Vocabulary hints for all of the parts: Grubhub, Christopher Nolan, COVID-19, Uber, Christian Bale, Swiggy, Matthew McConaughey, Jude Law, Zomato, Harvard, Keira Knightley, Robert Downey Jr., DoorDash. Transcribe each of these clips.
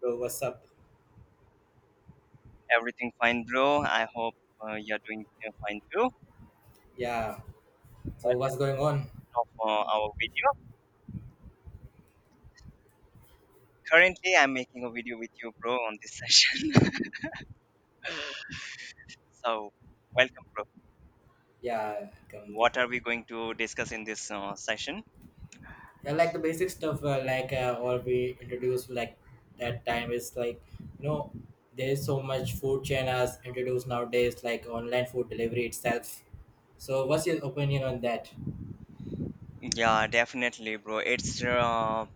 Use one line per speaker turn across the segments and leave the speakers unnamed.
Bro, what's up?
Everything fine, bro. I hope you're doing fine too.
Yeah. So what's
Welcome
going on?
to our video. Currently, I'm making a video with you, bro, on this session. So, welcome, bro.
Yeah. Come.
What are we going to discuss in this session?
Yeah, like the basic stuff, like all we introduced, like that time is like you know there's so much food chain has introduced nowadays, like online food delivery itself. So what's your opinion on that?
Yeah, definitely, bro. It's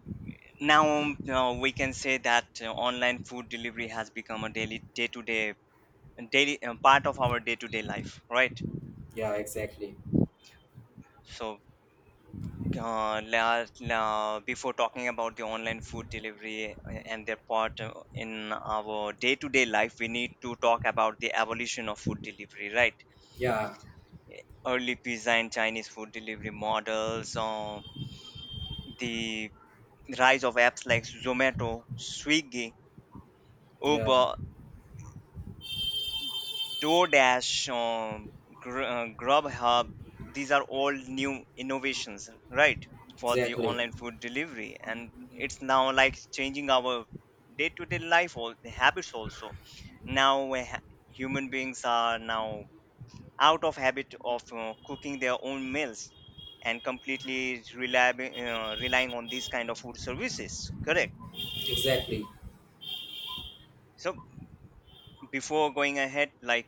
now we can say that online food delivery has become a daily, day-to-day, daily part of our day-to-day life, right?
Yeah, exactly.
So Before talking about the online food delivery and their part in our day-to-day life, we need to talk about the evolution of food delivery, right?
Yeah.
Early pizza and Chinese food delivery models, the rise of apps like Zomato, Swiggy,
Yeah.
Uber, DoorDash, Grubhub, these are all new innovations, right, for the
Exactly.
online food delivery. And it's now like changing our day to day life, all the habits also. Now, human beings are now out of habit of cooking their own meals and completely relying on these kind of food services, correct?
Exactly.
So, before going ahead, like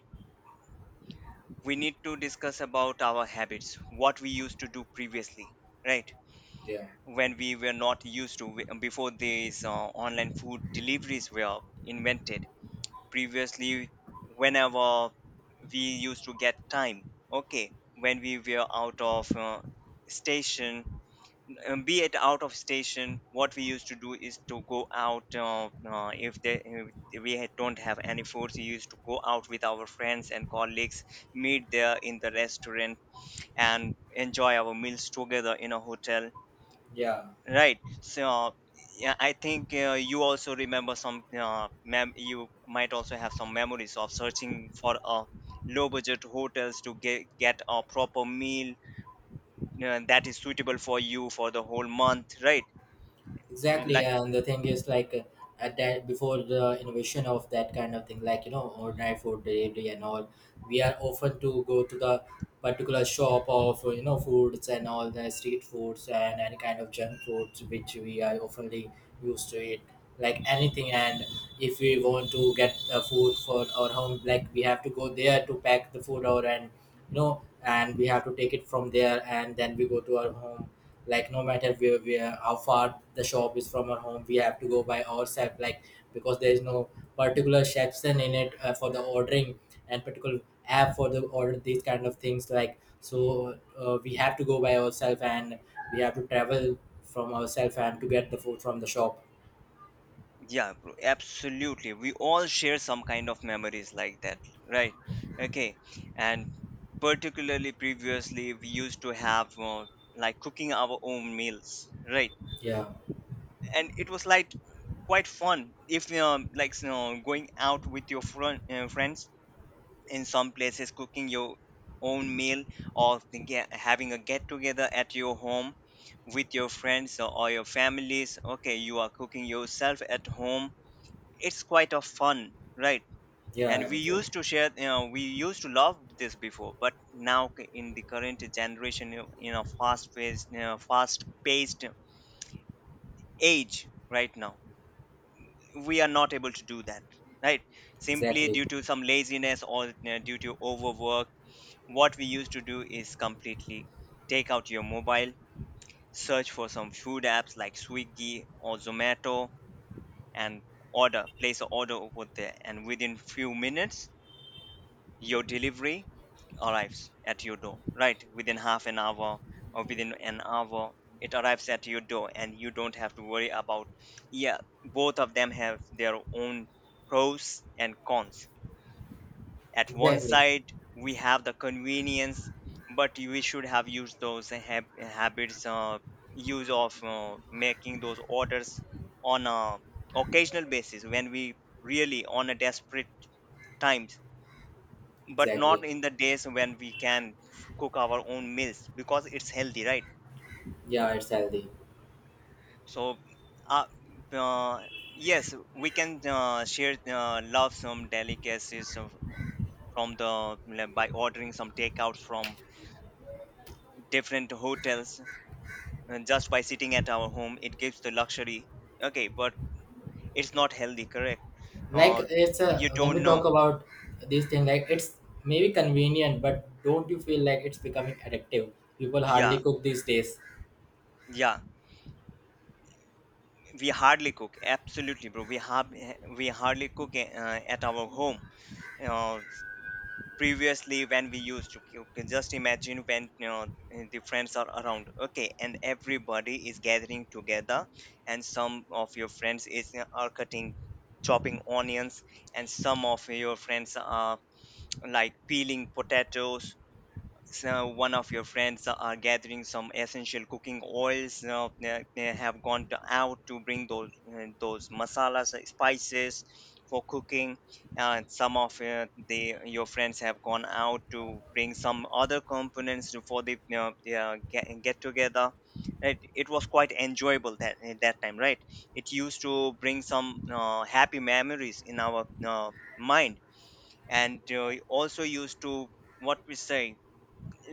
we need to discuss about our habits what we used to do previously, right,
Yeah.
when we were not used to before these online food deliveries were invented. Previously, whenever we used to get time, okay, when we were out of station, be it out of station, what we used to do is to go out, if we don't have any food, we used to go out with our friends and colleagues, meet there in the restaurant, and enjoy our meals together in a hotel,
Yeah.
right? So yeah, I think you also remember some you might also have some memories of searching for a low budget hotels to get a proper meal that is suitable for you for the whole month, right?
Exactly,
Like,
and the thing is, like at that before the innovation of that kind of thing, like ordinary food delivery and all, we are often to go to the particular shop of foods and all the street foods and any kind of junk foods which we are oftenly used to it, like anything. And if we want to get the food for our home, like we have to go there to pack the food or and and we have to take it from there, and then we go to our home like no matter where how far the shop is from our home we have to go by ourselves like because there is no particular section in it for the ordering and particular app for the order these kind of things like so we have to go by ourselves and we have to travel from ourselves and to get the food from the shop.
yeah, bro, absolutely. We all share some kind of memories like that, right? Okay, and particularly previously, we used to have like cooking our own meals, right?
Yeah.
And it was like quite fun if like you know, going out with your friends in some places, cooking your own meal, or having a get together at your home with your friends or your families. Okay, you are cooking yourself at home, it's quite a fun, right?
Yeah,
And we
exactly.
used to share, you know, we used to love this before, but in the current generation, you, you know, fast paced age right now, we are not able to do that, right, simply
Exactly.
due to some laziness or, you know, due to overwork. What we used to do is completely take out your mobile, search for some food apps like Swiggy or Zomato, and order place an order over there, and within few minutes, your delivery arrives at your door, right, within half an hour or within an hour, it arrives at your door, and you don't have to worry about. Yeah, both of them have their own pros and cons. At one
Exactly.
side, we have the convenience, but we should have used those habits, use of making those orders on a occasional basis when we really on a desperate times, but not
Exactly.
in the days when we can cook our own meals because it's healthy, right?
Yeah, it's healthy.
So uh, uh, yes, we can share love some delicacies from the like, by ordering some takeouts from different hotels, and just by sitting at our home it gives the luxury, okay, but it's not healthy, correct.
Like
uh,
it's a,
you
when we
don't
talk
know.
about these things like it's maybe convenient but don't you feel like it's becoming addictive? People hardly
Yeah,
cook these days.
yeah, we hardly cook, absolutely, bro. We have, we hardly cook at our home, you know. Previously, when we used to, you can just imagine, when you know, the friends are around, okay, and everybody is gathering together, and some of your friends are cutting, chopping onions, and some of your friends are like peeling potatoes, so one of your friends are gathering some essential cooking oils, they have out to bring those masalas, spices for cooking, some of the your friends have gone out to bring some other components for the, you know, yeah, get together. It was quite enjoyable that at that time, right? It used to bring some happy memories in our mind, and also used to, what we say,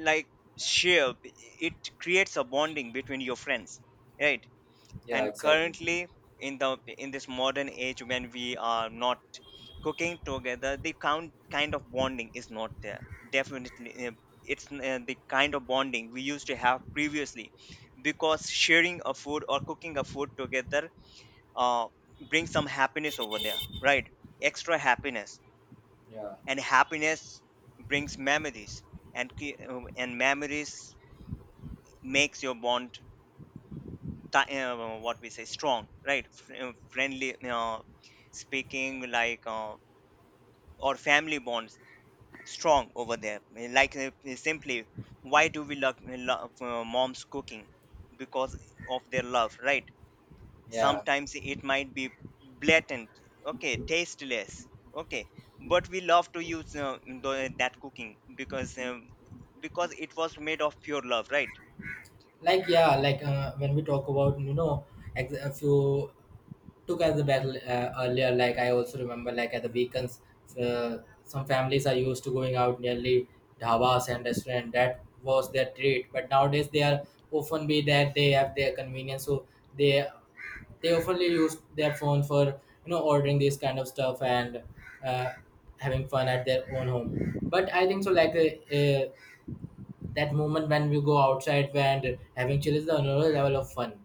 like, shape, it creates a bonding between your friends, right?
Yeah,
And
exactly.
currently, in the in this modern age, when we are not cooking together, the count kind of bonding is not there, definitely. It's the kind of bonding we used to have previously, because sharing a food or cooking a food together uh, brings some happiness over there, right, extra happiness.
Yeah.
And happiness brings memories, and memories makes your bond, what we say, strong, right? Friendly speaking like, or family bonds strong over there. Like, simply, why do we love mom's cooking? Because of their love, right?
Yeah.
Sometimes it might be blatant, okay, tasteless, okay, but we love to use that cooking because it was made of pure love, right?
Like yeah, like when we talk about if you took as a battle earlier, like I also remember like at the weekends, uh, some families are used to going out nearly dhabas and restaurant, that was their treat, but nowadays they are often be that they have their convenience, so they they often use their phone for ordering these kind of stuff and uh, having fun at their own home. But I think so like that moment when we go outside and having chill is the another level of fun,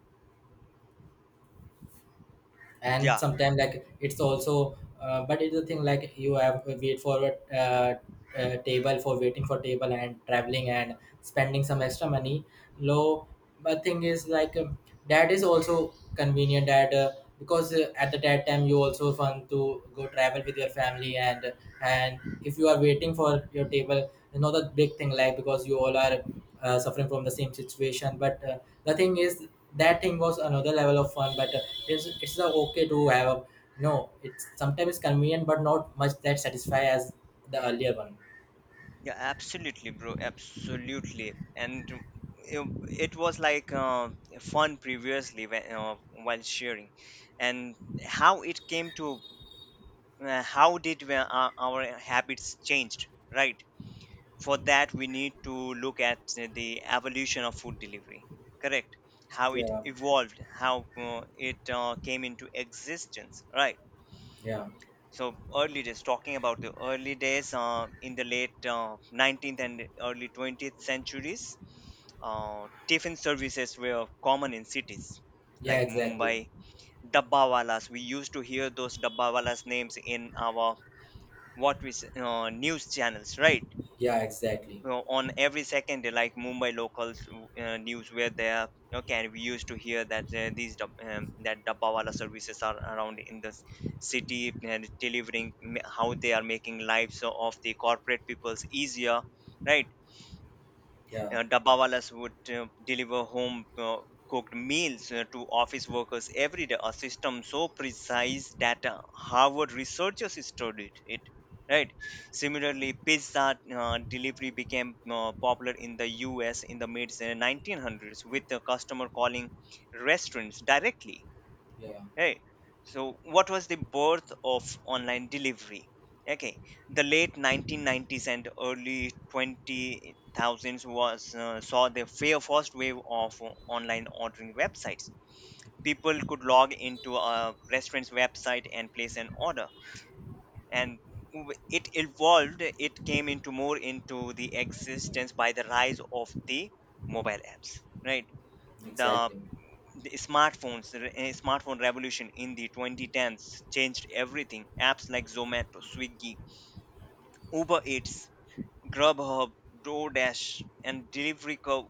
and
Yeah.
sometimes like it's also but it's the thing like you have to wait for a table, for waiting for table and traveling and spending some extra money low. But thing is like that is also convenient that because at the that time you also want to go travel with your family and if you are waiting for your table, you know the big thing, like because you all are suffering from the same situation but the thing is that thing was another level of fun but it's okay to have a, no it's sometimes convenient but not much that satisfy as the earlier one.
Yeah, absolutely, bro. Absolutely, and it, it was like fun previously when, while sharing, and how it came to, how did we, our habits changed, right? For that, we need to look at the evolution of food delivery. Correct. How it
Yeah.
evolved, how it came into existence, right?
Yeah.
So early days, talking about the early days in the late 19th and early 20th centuries, tiffin services were common in cities
Yeah,
like
exactly.
Mumbai. Dabbawalas, we used to hear those dabbawalas names in our, news channels, right?
Yeah, exactly.
Know, on every second like Mumbai locals news, where they are, okay, and we used to hear that that dabbawala services are around in the city and how they are making lives of the corporate peoples easier, right?
Yeah.
Dabbawalas would deliver home cooked meals to office workers every day, a system so precise that Harvard researchers studied it. Right. Similarly, pizza delivery became popular in the U.S. in the mid 1900s, with the customer calling restaurants directly.
Yeah,
Hey, so what was the birth of online delivery? Okay, the late 1990s and early 20,000s was saw the fair first wave of online ordering websites. People could log into a restaurant's website and place an order, and it evolved. It came into more into the existence by the rise of the mobile apps, right? The
exactly.
the smartphones, the smartphone revolution in the 2010s changed everything. Apps like Zomato, Swiggy, Uber Eats, Grubhub, DoorDash, and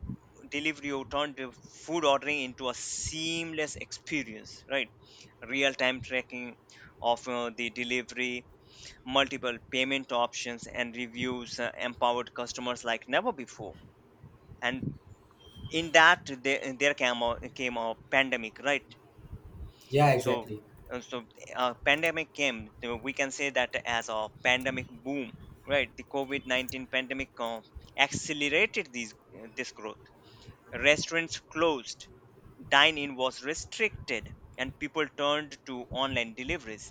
delivery turned the food ordering into a seamless experience, right? Real time tracking of the delivery, multiple payment options and reviews empowered customers like never before. And in that, there came came a pandemic, right?
Yeah,
So
exactly.
uh, so pandemic came, we can say that as a pandemic boom, right. The COVID-19 pandemic accelerated these this growth. Restaurants closed, dine in was restricted, and people turned to online deliveries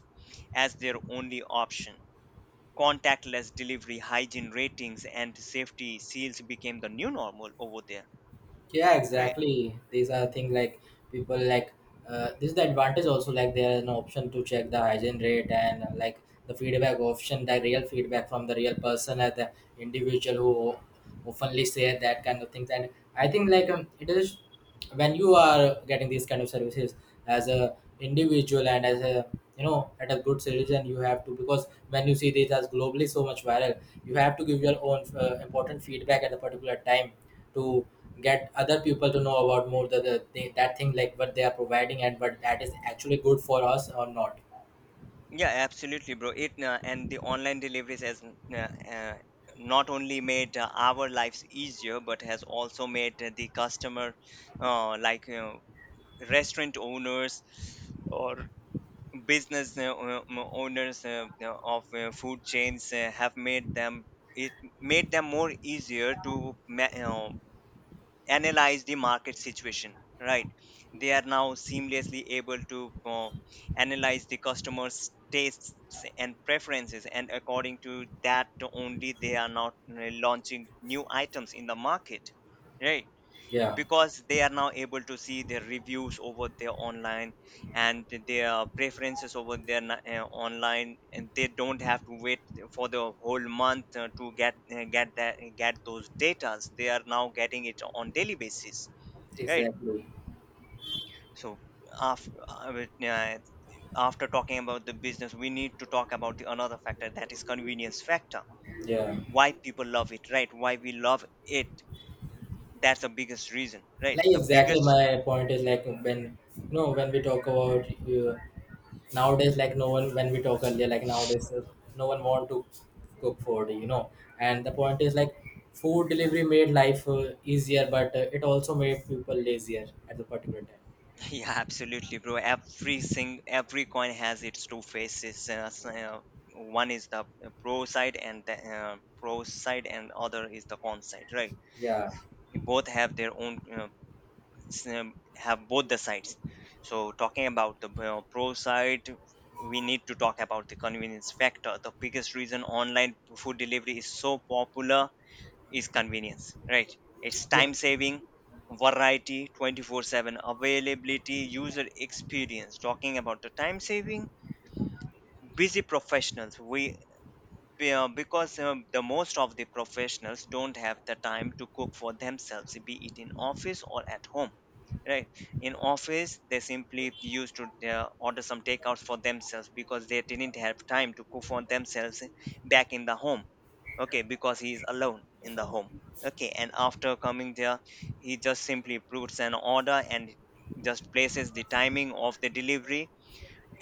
as their only option. Contactless delivery, hygiene ratings and safety seals became the new normal over there,
Yeah,
right.
exactly, these are things like people like, this is the advantage also, like there is an option to check the hygiene rate and like the feedback option, the real feedback from the real person as the individual who oftenly say that kind of things. And I think like it is when you are getting these kind of services as a individual and as a, you know, at a good citizen, you have to, because when you see this as globally so much viral, you have to give your own important feedback at a particular time to get other people to know about more the thing, that thing, like what they are providing and what that is actually good for us or not.
Yeah, absolutely, bro. It and the online deliveries has not only made our lives easier, but has also made the customer, like you know, restaurant owners or business owners of food chains, have made them, it made them more easier to you, analyze the market situation, right. They are now seamlessly able to analyze the customers tastes and preferences, and according to that only, they are not launching new items in the market, right,
Yeah,
because they are now able to see their reviews over there online, and their preferences over there online, and they don't have to wait for the whole month to get those datas. They are now getting it on daily basis, right.
exactly.
So after after talking about the business, we need to talk about the another factor, that is convenience factor,
Yeah,
why people love it, right, why we love it. That's the biggest reason, right,
like
the
exactly
biggest.
my point is like when you know, when we talk about nowadays like no one, when we talk earlier like nowadays no one want to cook food, you know. And the point is like food delivery made life easier but it also made people lazier at the particular time.
Yeah, absolutely, bro. Every coin has its two faces. One is the uh, pro side, and other is the con side, right?
Yeah.
Both have their own have both the sides. So talking about the pro side, we need to talk about the convenience factor. The biggest reason online food delivery is so popular is convenience, right? It's
Yeah.
time saving, variety, 24/7 availability, user experience. Talking about the time saving, busy professionals, because the most of the professionals don't have the time to cook for themselves, be it in office or at home. Right in office, they simply used to order some takeouts for themselves because they didn't have time to cook for themselves back in the home. Okay, because he is alone in the home. Okay, and after coming there he just simply puts an order and just places the timing of the delivery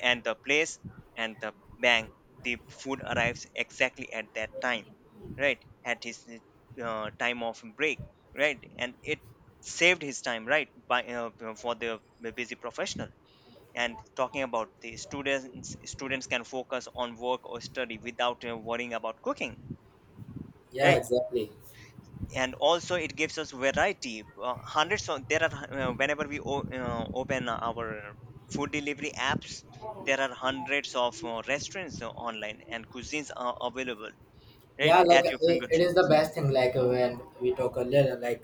and the place and the, bang, the food arrives exactly at that time, right, at his time of break, right, and it saved his time, right, by for the busy professional. And talking about the students can focus on work or study without worrying about cooking,
Yeah,
right.
exactly.
And also it gives us variety. Hundreds of there are Whenever we open our food delivery apps, there are hundreds of restaurants online and cuisines are available,
Yeah,
right, at
like
your
it is the
fingertips.
best thing. Like when we talk earlier, like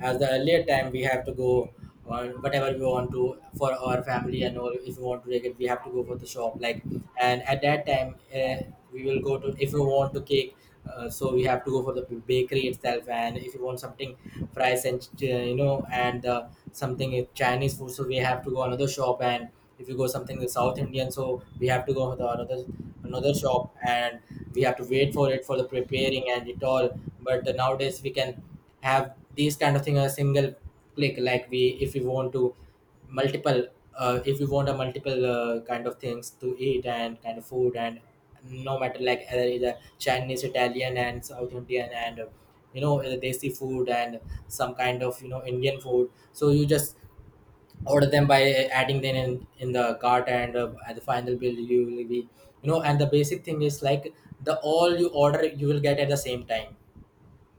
as the earlier time, we have to go on whatever we want to for our family and all. If we want to take it, we have to go for the shop. Like and at that time, we will go to if we want to cake. So we have to go for the bakery itself, and if you want something fries and you know and something Chinese food, so we have to go another shop, and if you go something the South Indian, so we have to go to the another shop, and we have to wait for it for the preparing and it all. But nowadays we can have these kind of thing a single click. Like we, if we want to multiple, if we want a multiple kind of things to eat and kind of food, and no matter like either Chinese, Italian, and South Indian and you know desi food and some kind of you know Indian food. So you just order them by adding them in the cart, and at the final bill you will be you know, and the basic thing is like the all you order you will get at the same time.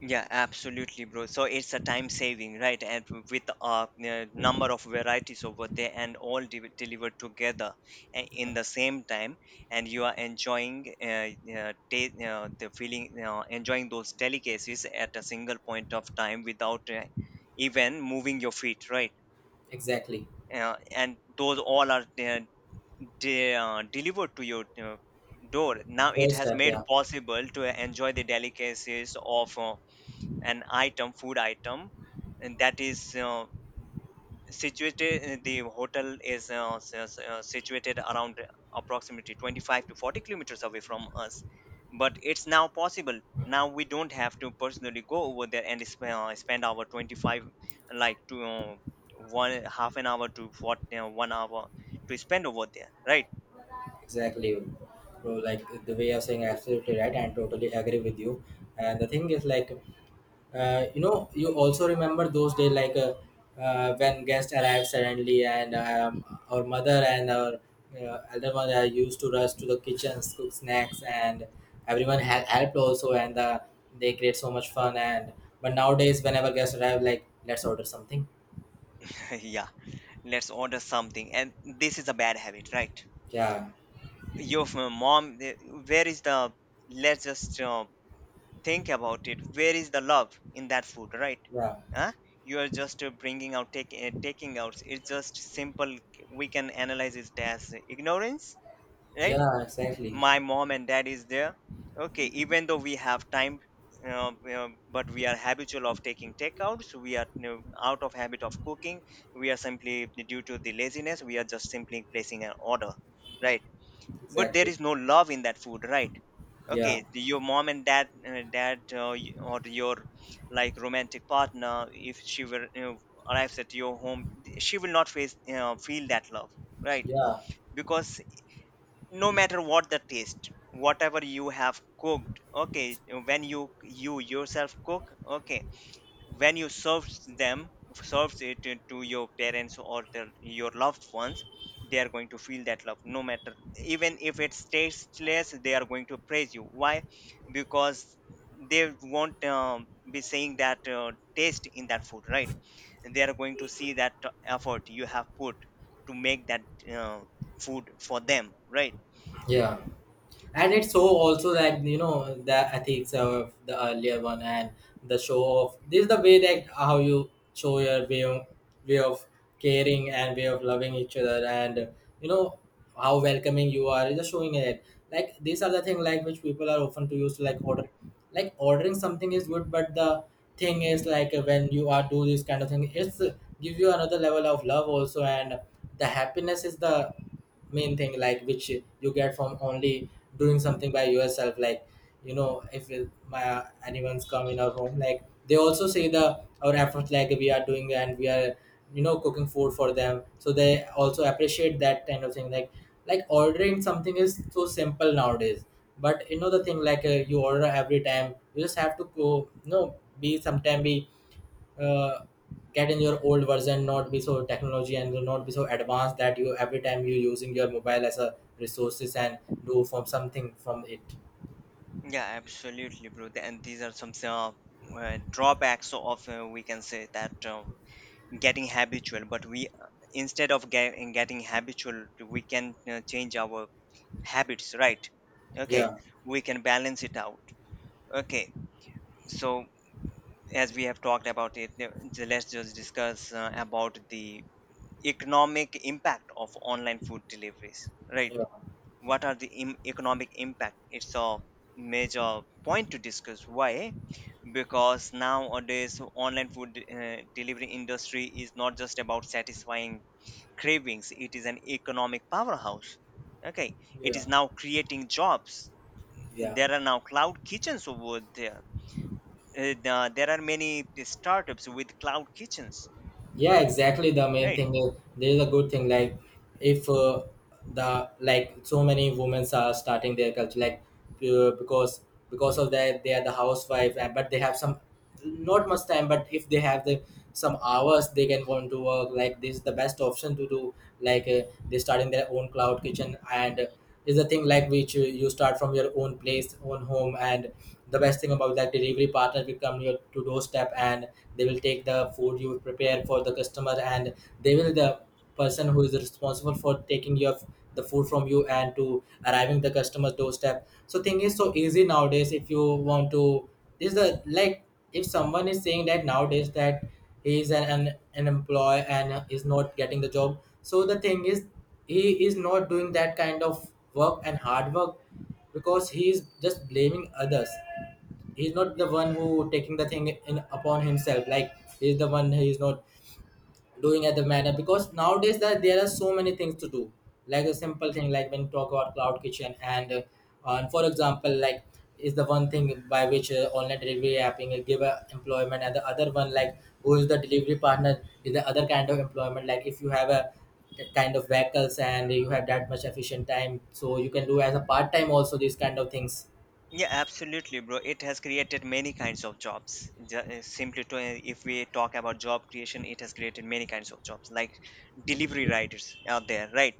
Yeah, absolutely, bro. So it's a time saving, right? And with a number of varieties over there and all delivered together
Yeah.
in the same time, and you are enjoying the feeling, enjoying those delicacies at a single point of time without even moving your feet, right?
Exactly.
And those all are delivered to your door. Now it
First
has
step,
made
yeah.
possible to enjoy the delicacies of an item, food item, and that is situated. The hotel is situated around approximately 25 to 40 kilometers away from us, but it's now possible. Now we don't have to personally go over there and spend our 25, like to one half an hour to what 1 hour to spend over there, right?
Exactly, bro, like the way you're saying, absolutely right and totally agree with you. And the thing is like, you know, you also remember those days like when guests arrived suddenly, and our mother and our elder mother used to rush to the kitchens, cook snacks, and everyone helped also, and they create so much fun. And but nowadays, whenever guests arrive, like let's order something.
yeah, let's order something, and this is a bad habit, right?
Yeah,
Your mom, where is the, let's just think about it, where is the love in that food, right,
yeah,
huh? You are just taking out. It's just simple. We can analyze it as ignorance, right.
yeah, exactly,
My mom and dad is there. Okay, even though we have time, but we are habitual of taking takeouts. We are, out of habit of cooking, we are simply due to the laziness we are just simply placing an order, right. But there
exactly.
is no love in that food, right.
Yeah,
Okay, your mom and dad, or your, like, romantic partner, if she were, arrives at your home, she will not feel that love, right,
yeah,
because no matter what the taste whatever you have cooked, okay, when you yourself cook, okay, when you serves them, serves it to your parents or their, your loved ones, they are going to feel that love, no matter, even if it's tasteless, they are going to praise you. Why? Because they won't be saying that taste in that food, right. They are going to see that effort you have put to make that uh, food for them, right.
yeah. And it's so also that you know the ethics of the earlier one and the show of this is the way that how you show your way of caring and way of loving each other and you know how welcoming you are, just showing it. Like these are the thing like which people are often to use to like order. Like ordering something is good, but the thing is like when you are do this kind of thing, it's give you another level of love also, and the happiness is the main thing like which you get from only doing something by yourself. Like you know, if my anyone's come in our home like they also say the our efforts like we are doing, and we are you know cooking food for them, so they also appreciate that kind of thing. Like ordering something is so simple nowadays, but you know the thing like you order every time, you just have to go, you know, be sometime be uh, get in your old version, not be so technology and not be so advanced that you every time you using your mobile as a resources and do from something from it.
Yeah, absolutely, bro. And these are some drawbacks of, we can say that getting habitual, but we, instead of get, getting habitual we can change our habits, right. Okay,
Yeah.
we can balance it out. Okay, so as we have talked about it, so let's just discuss about the economic impact of online food deliveries, right.
Yeah.
What are the economic impact? It's a major point to discuss. Why? Because nowadays online food delivery industry is not just about satisfying cravings, it is an economic powerhouse. Okay, it
Yeah.
is now creating jobs, and
Yeah.
there are now cloud kitchens over there. There are many startups with cloud kitchens,
Yeah, exactly, the main
right.
thing is there is a good thing like, if the like so many women are starting their culture like uh, because because of that they are the housewife but they have some not much time, but if they have the some hours they can want to work, like this is the best option to do. Like they start in their own cloud kitchen, and is the thing like which you start from your own place own home, and the best thing about that, delivery partner will come your to doorstep, and they will take the food you prepare for the customer, and they will the person who is responsible for taking your the food from you and to arriving the customer's doorstep, so thing is so easy nowadays if you want to. This is the like if someone is saying that nowadays that he is an employee and is not getting the job, so the thing is he is not doing that kind of work and hard work, because he is just blaming others, he's not the one who taking the thing in upon himself. Like he's the one who is not doing at the matter, because nowadays that there are so many things to do. Like a simple thing like when you talk about cloud kitchen and for example, like is the one thing by which online delivery apping give a employment, and the other one like who is the delivery partner is the other kind of employment. Like if you have a kind of vehicles and you have that much efficient time, so you can do as a part time also these kind of things.
Yeah, absolutely, bro, it has created many kinds of jobs. Ju- simply to If we talk about job creation, it has created many kinds of jobs, like delivery riders out there, right.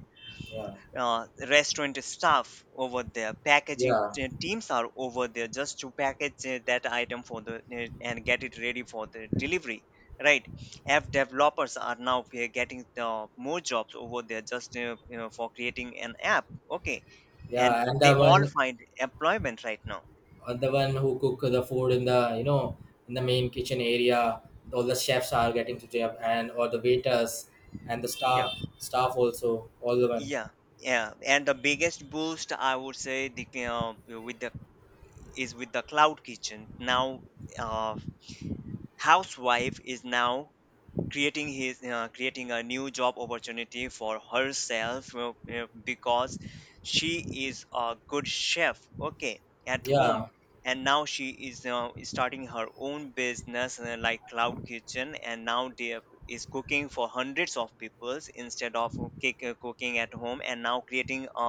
Yeah.
Restaurant staff over there, packaging
Yeah.
teams are over there just to package that item for the and get it ready for the delivery, right. App developers are now getting the more jobs over there just, for creating an app. Okay, and
yeah and the
they all
one,
find employment right now.
the one who cook the food in the you know in the main kitchen area, all the chefs are getting to job, and or the waiters and the staff,
Yeah,
also all the one.
yeah, yeah. And the biggest boost I would say, the with the is with the cloud kitchen now. uh, Housewife is now creating a new job opportunity for herself, because she is a good chef, okay, at home.
Yeah.
And now she is starting her own business, like cloud kitchen, and now is cooking for hundreds of peoples instead of cooking at home, and now creating a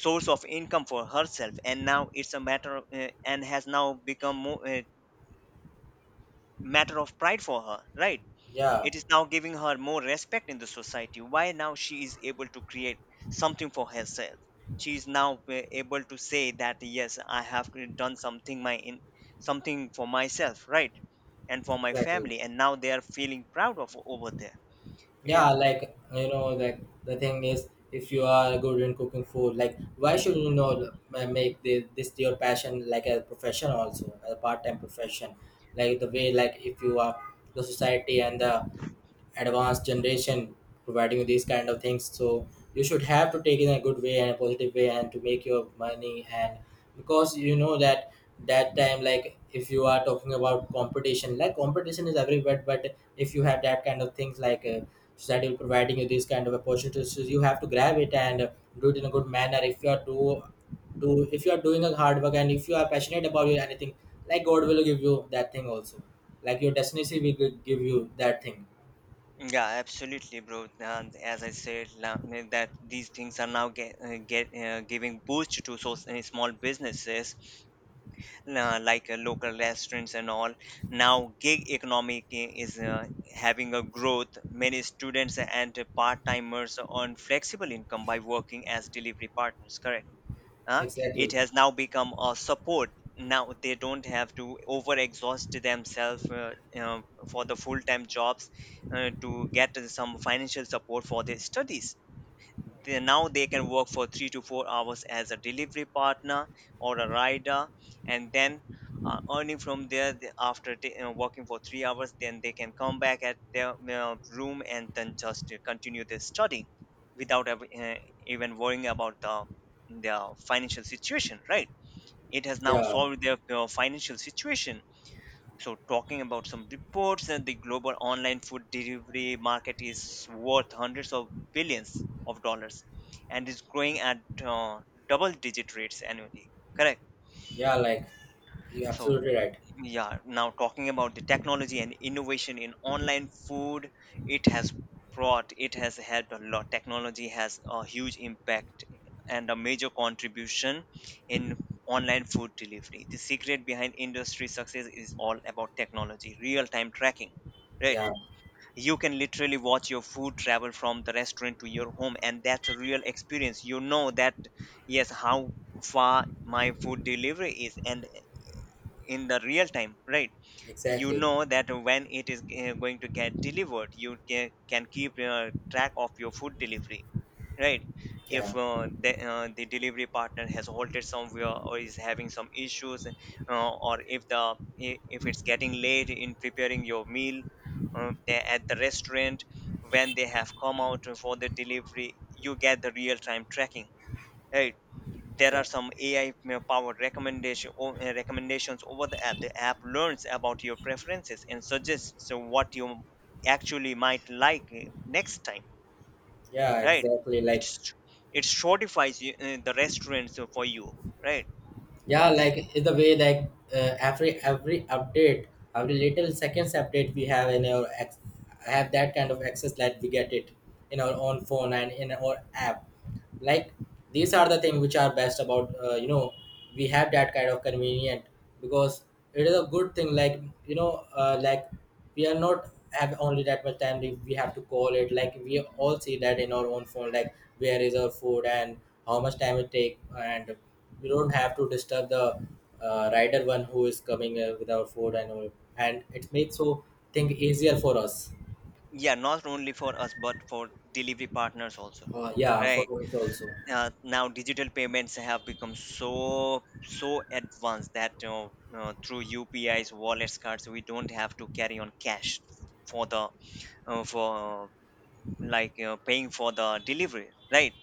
source of income for herself, and now it's and has now become more, matter of pride for her, right.
Yeah,
It is now giving her more respect in the society. Why now she is able to create something for herself? She is now able to say that yes, I have done something my in something for myself, right, and for my
exactly.
family, and now they are feeling proud of over there. It,
Yeah, like you know, like the thing is if you are good in cooking food, like why should you know make this your passion like a profession also, a part-time profession. Like the way like if you are the society and the advanced generation providing you these kind of things, so you should have to take it in a good way and a positive way and to make your money. And because you know that that time, like if you are talking about competition, like competition is everywhere, but if you have that kind of things like society will providing you these kind of opportunities, so you have to grab it, and do it in a good manner. If you are do if you are doing a hard work, and if you are passionate about your anything, like god will give you that thing also, like your destiny will give you that thing.
yeah, absolutely, bro. And as I said, I mean, that these things are now get giving boost to so, small businesses, like local restaurants and all. Now gig economy is having a growth, many students and part-timers earn flexible income by working as delivery partners, correct. uh, it
Exactly.
has now become a support. Now they don't have to over exhaust themselves, uh, for the full-time jobs, to get some financial support for their studies. Now they can work for 3 to 4 hours as a delivery partner or a rider, and then earning from there. You working for 3 hours, then they can come back at their you room, and then just to continue their study without ever, even worrying about their financial situation, right. It has now
Yeah.
solved their you financial situation. So, talking about some reports that the global online food delivery market is worth hundreds of billions of dollars and is growing at uh, double digit rates annually. Correct.
Yeah. Like, you're
So,
absolutely right.
yeah, now talking about the technology and innovation in online food, it has it has helped a lot. Technology has a huge impact and a major contribution in online food delivery. The secret behind industry success is all about technology, real time tracking. Right,
Yeah.
you can literally watch your food travel from the restaurant to your home, and that's a real experience. You know that, yes, how far my food delivery is, and in the real time, right? You
Exactly.
know that when it is going to get delivered you can keep track of your food delivery, right.
Yeah.
If the delivery partner has halted somewhere or is having some issues, or if the if it's getting late in preparing your meal at the restaurant, when they have come out for the delivery, you get the real time tracking, right. There are
Yeah.
some AI powered recommendations over the app. The app learns about your preferences and suggests what you actually might like next time,
Yeah.
right.
Exactly. Like,
It's it shortifies you, the restaurants for you, right.
yeah. Like in the way like every update, every little seconds update, we have in our have that kind of access that we get it in our own phone and in our app. Like these are the things which are best about, you know, we have that kind of convenient, because it is a good thing like, you know, like we are not have only that much time, we have to call it like we all see that in our own phone like where is our food and how much time it take, and we don't have to disturb the rider one who is coming with our food and all, and it makes so thing easier for us.
Yeah, not only for us but for delivery partners also,
Yeah, for
right.
us also.
Now digital payments have become so advanced that through UPIs, wallets, cards, we don't have to carry on cash for the, for like you paying for the delivery, right.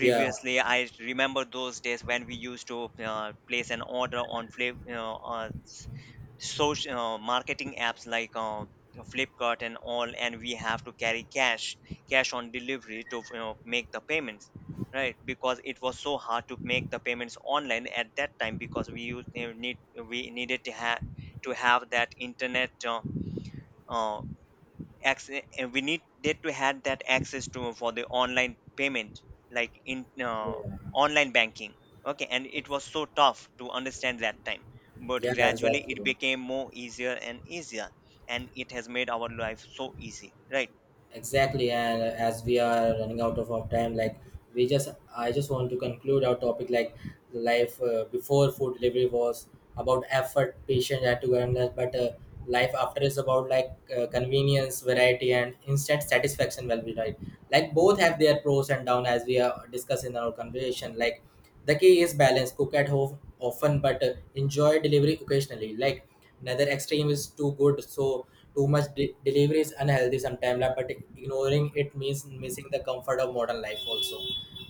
Yeah.
I remember those days when we used to place an order on social marketing apps like Flipkart and all, and we have to carry cash, cash on delivery to, make the payments, right. Because it was so hard to make the payments online at that time because we used, you know, need we needed to have that internet uh, access, and we need that to have that access to for the online payment, like in
Yeah.
online banking. Okay, and it was so tough to understand that time, but
Yeah,
gradually it
exactly.
became more easier and easier, and it has made our life so easy, right.
Exactly, and as we are running out of our time, like we just, I just want to conclude our topic. Like life before food delivery was about effort, patience, attentiveness, but life after is about like convenience, variety, and instant satisfaction, well be right. Like both have their pros and down, as we discussed in our conversation, like the key is balance. Cook at home often, but enjoy delivery occasionally. Like neither extreme is too good, so too much delivery is unhealthy sometimes. Like, but ignoring it means missing the comfort of modern life. Also,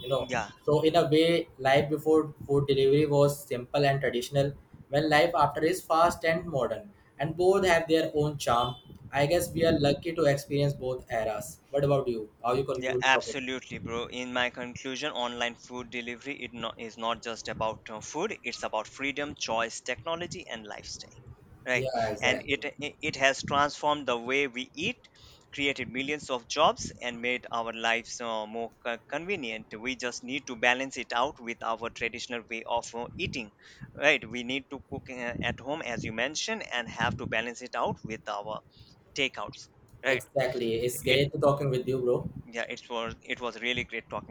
you know.
Yeah.
So in a way, life before food delivery was simple and traditional, when life after is fast and modern, and both have their own charm. I guess we are lucky to experience both eras. What about you? How you
Yeah,
conclude the topic?
absolutely, bro. In my conclusion, online food delivery, it not, is not just about food; it's about freedom, choice, technology, and lifestyle,
Yeah,
right? And
exactly.
it has transformed the way we eat, created millions of jobs, and made our lives more convenient. We just need to balance it out with our traditional way of eating, right? We need to cook at home, as you mentioned, and have to balance it out with our takeouts, right?
Exactly. It's great
It
talking with you, bro.
Yeah, it was really great talking.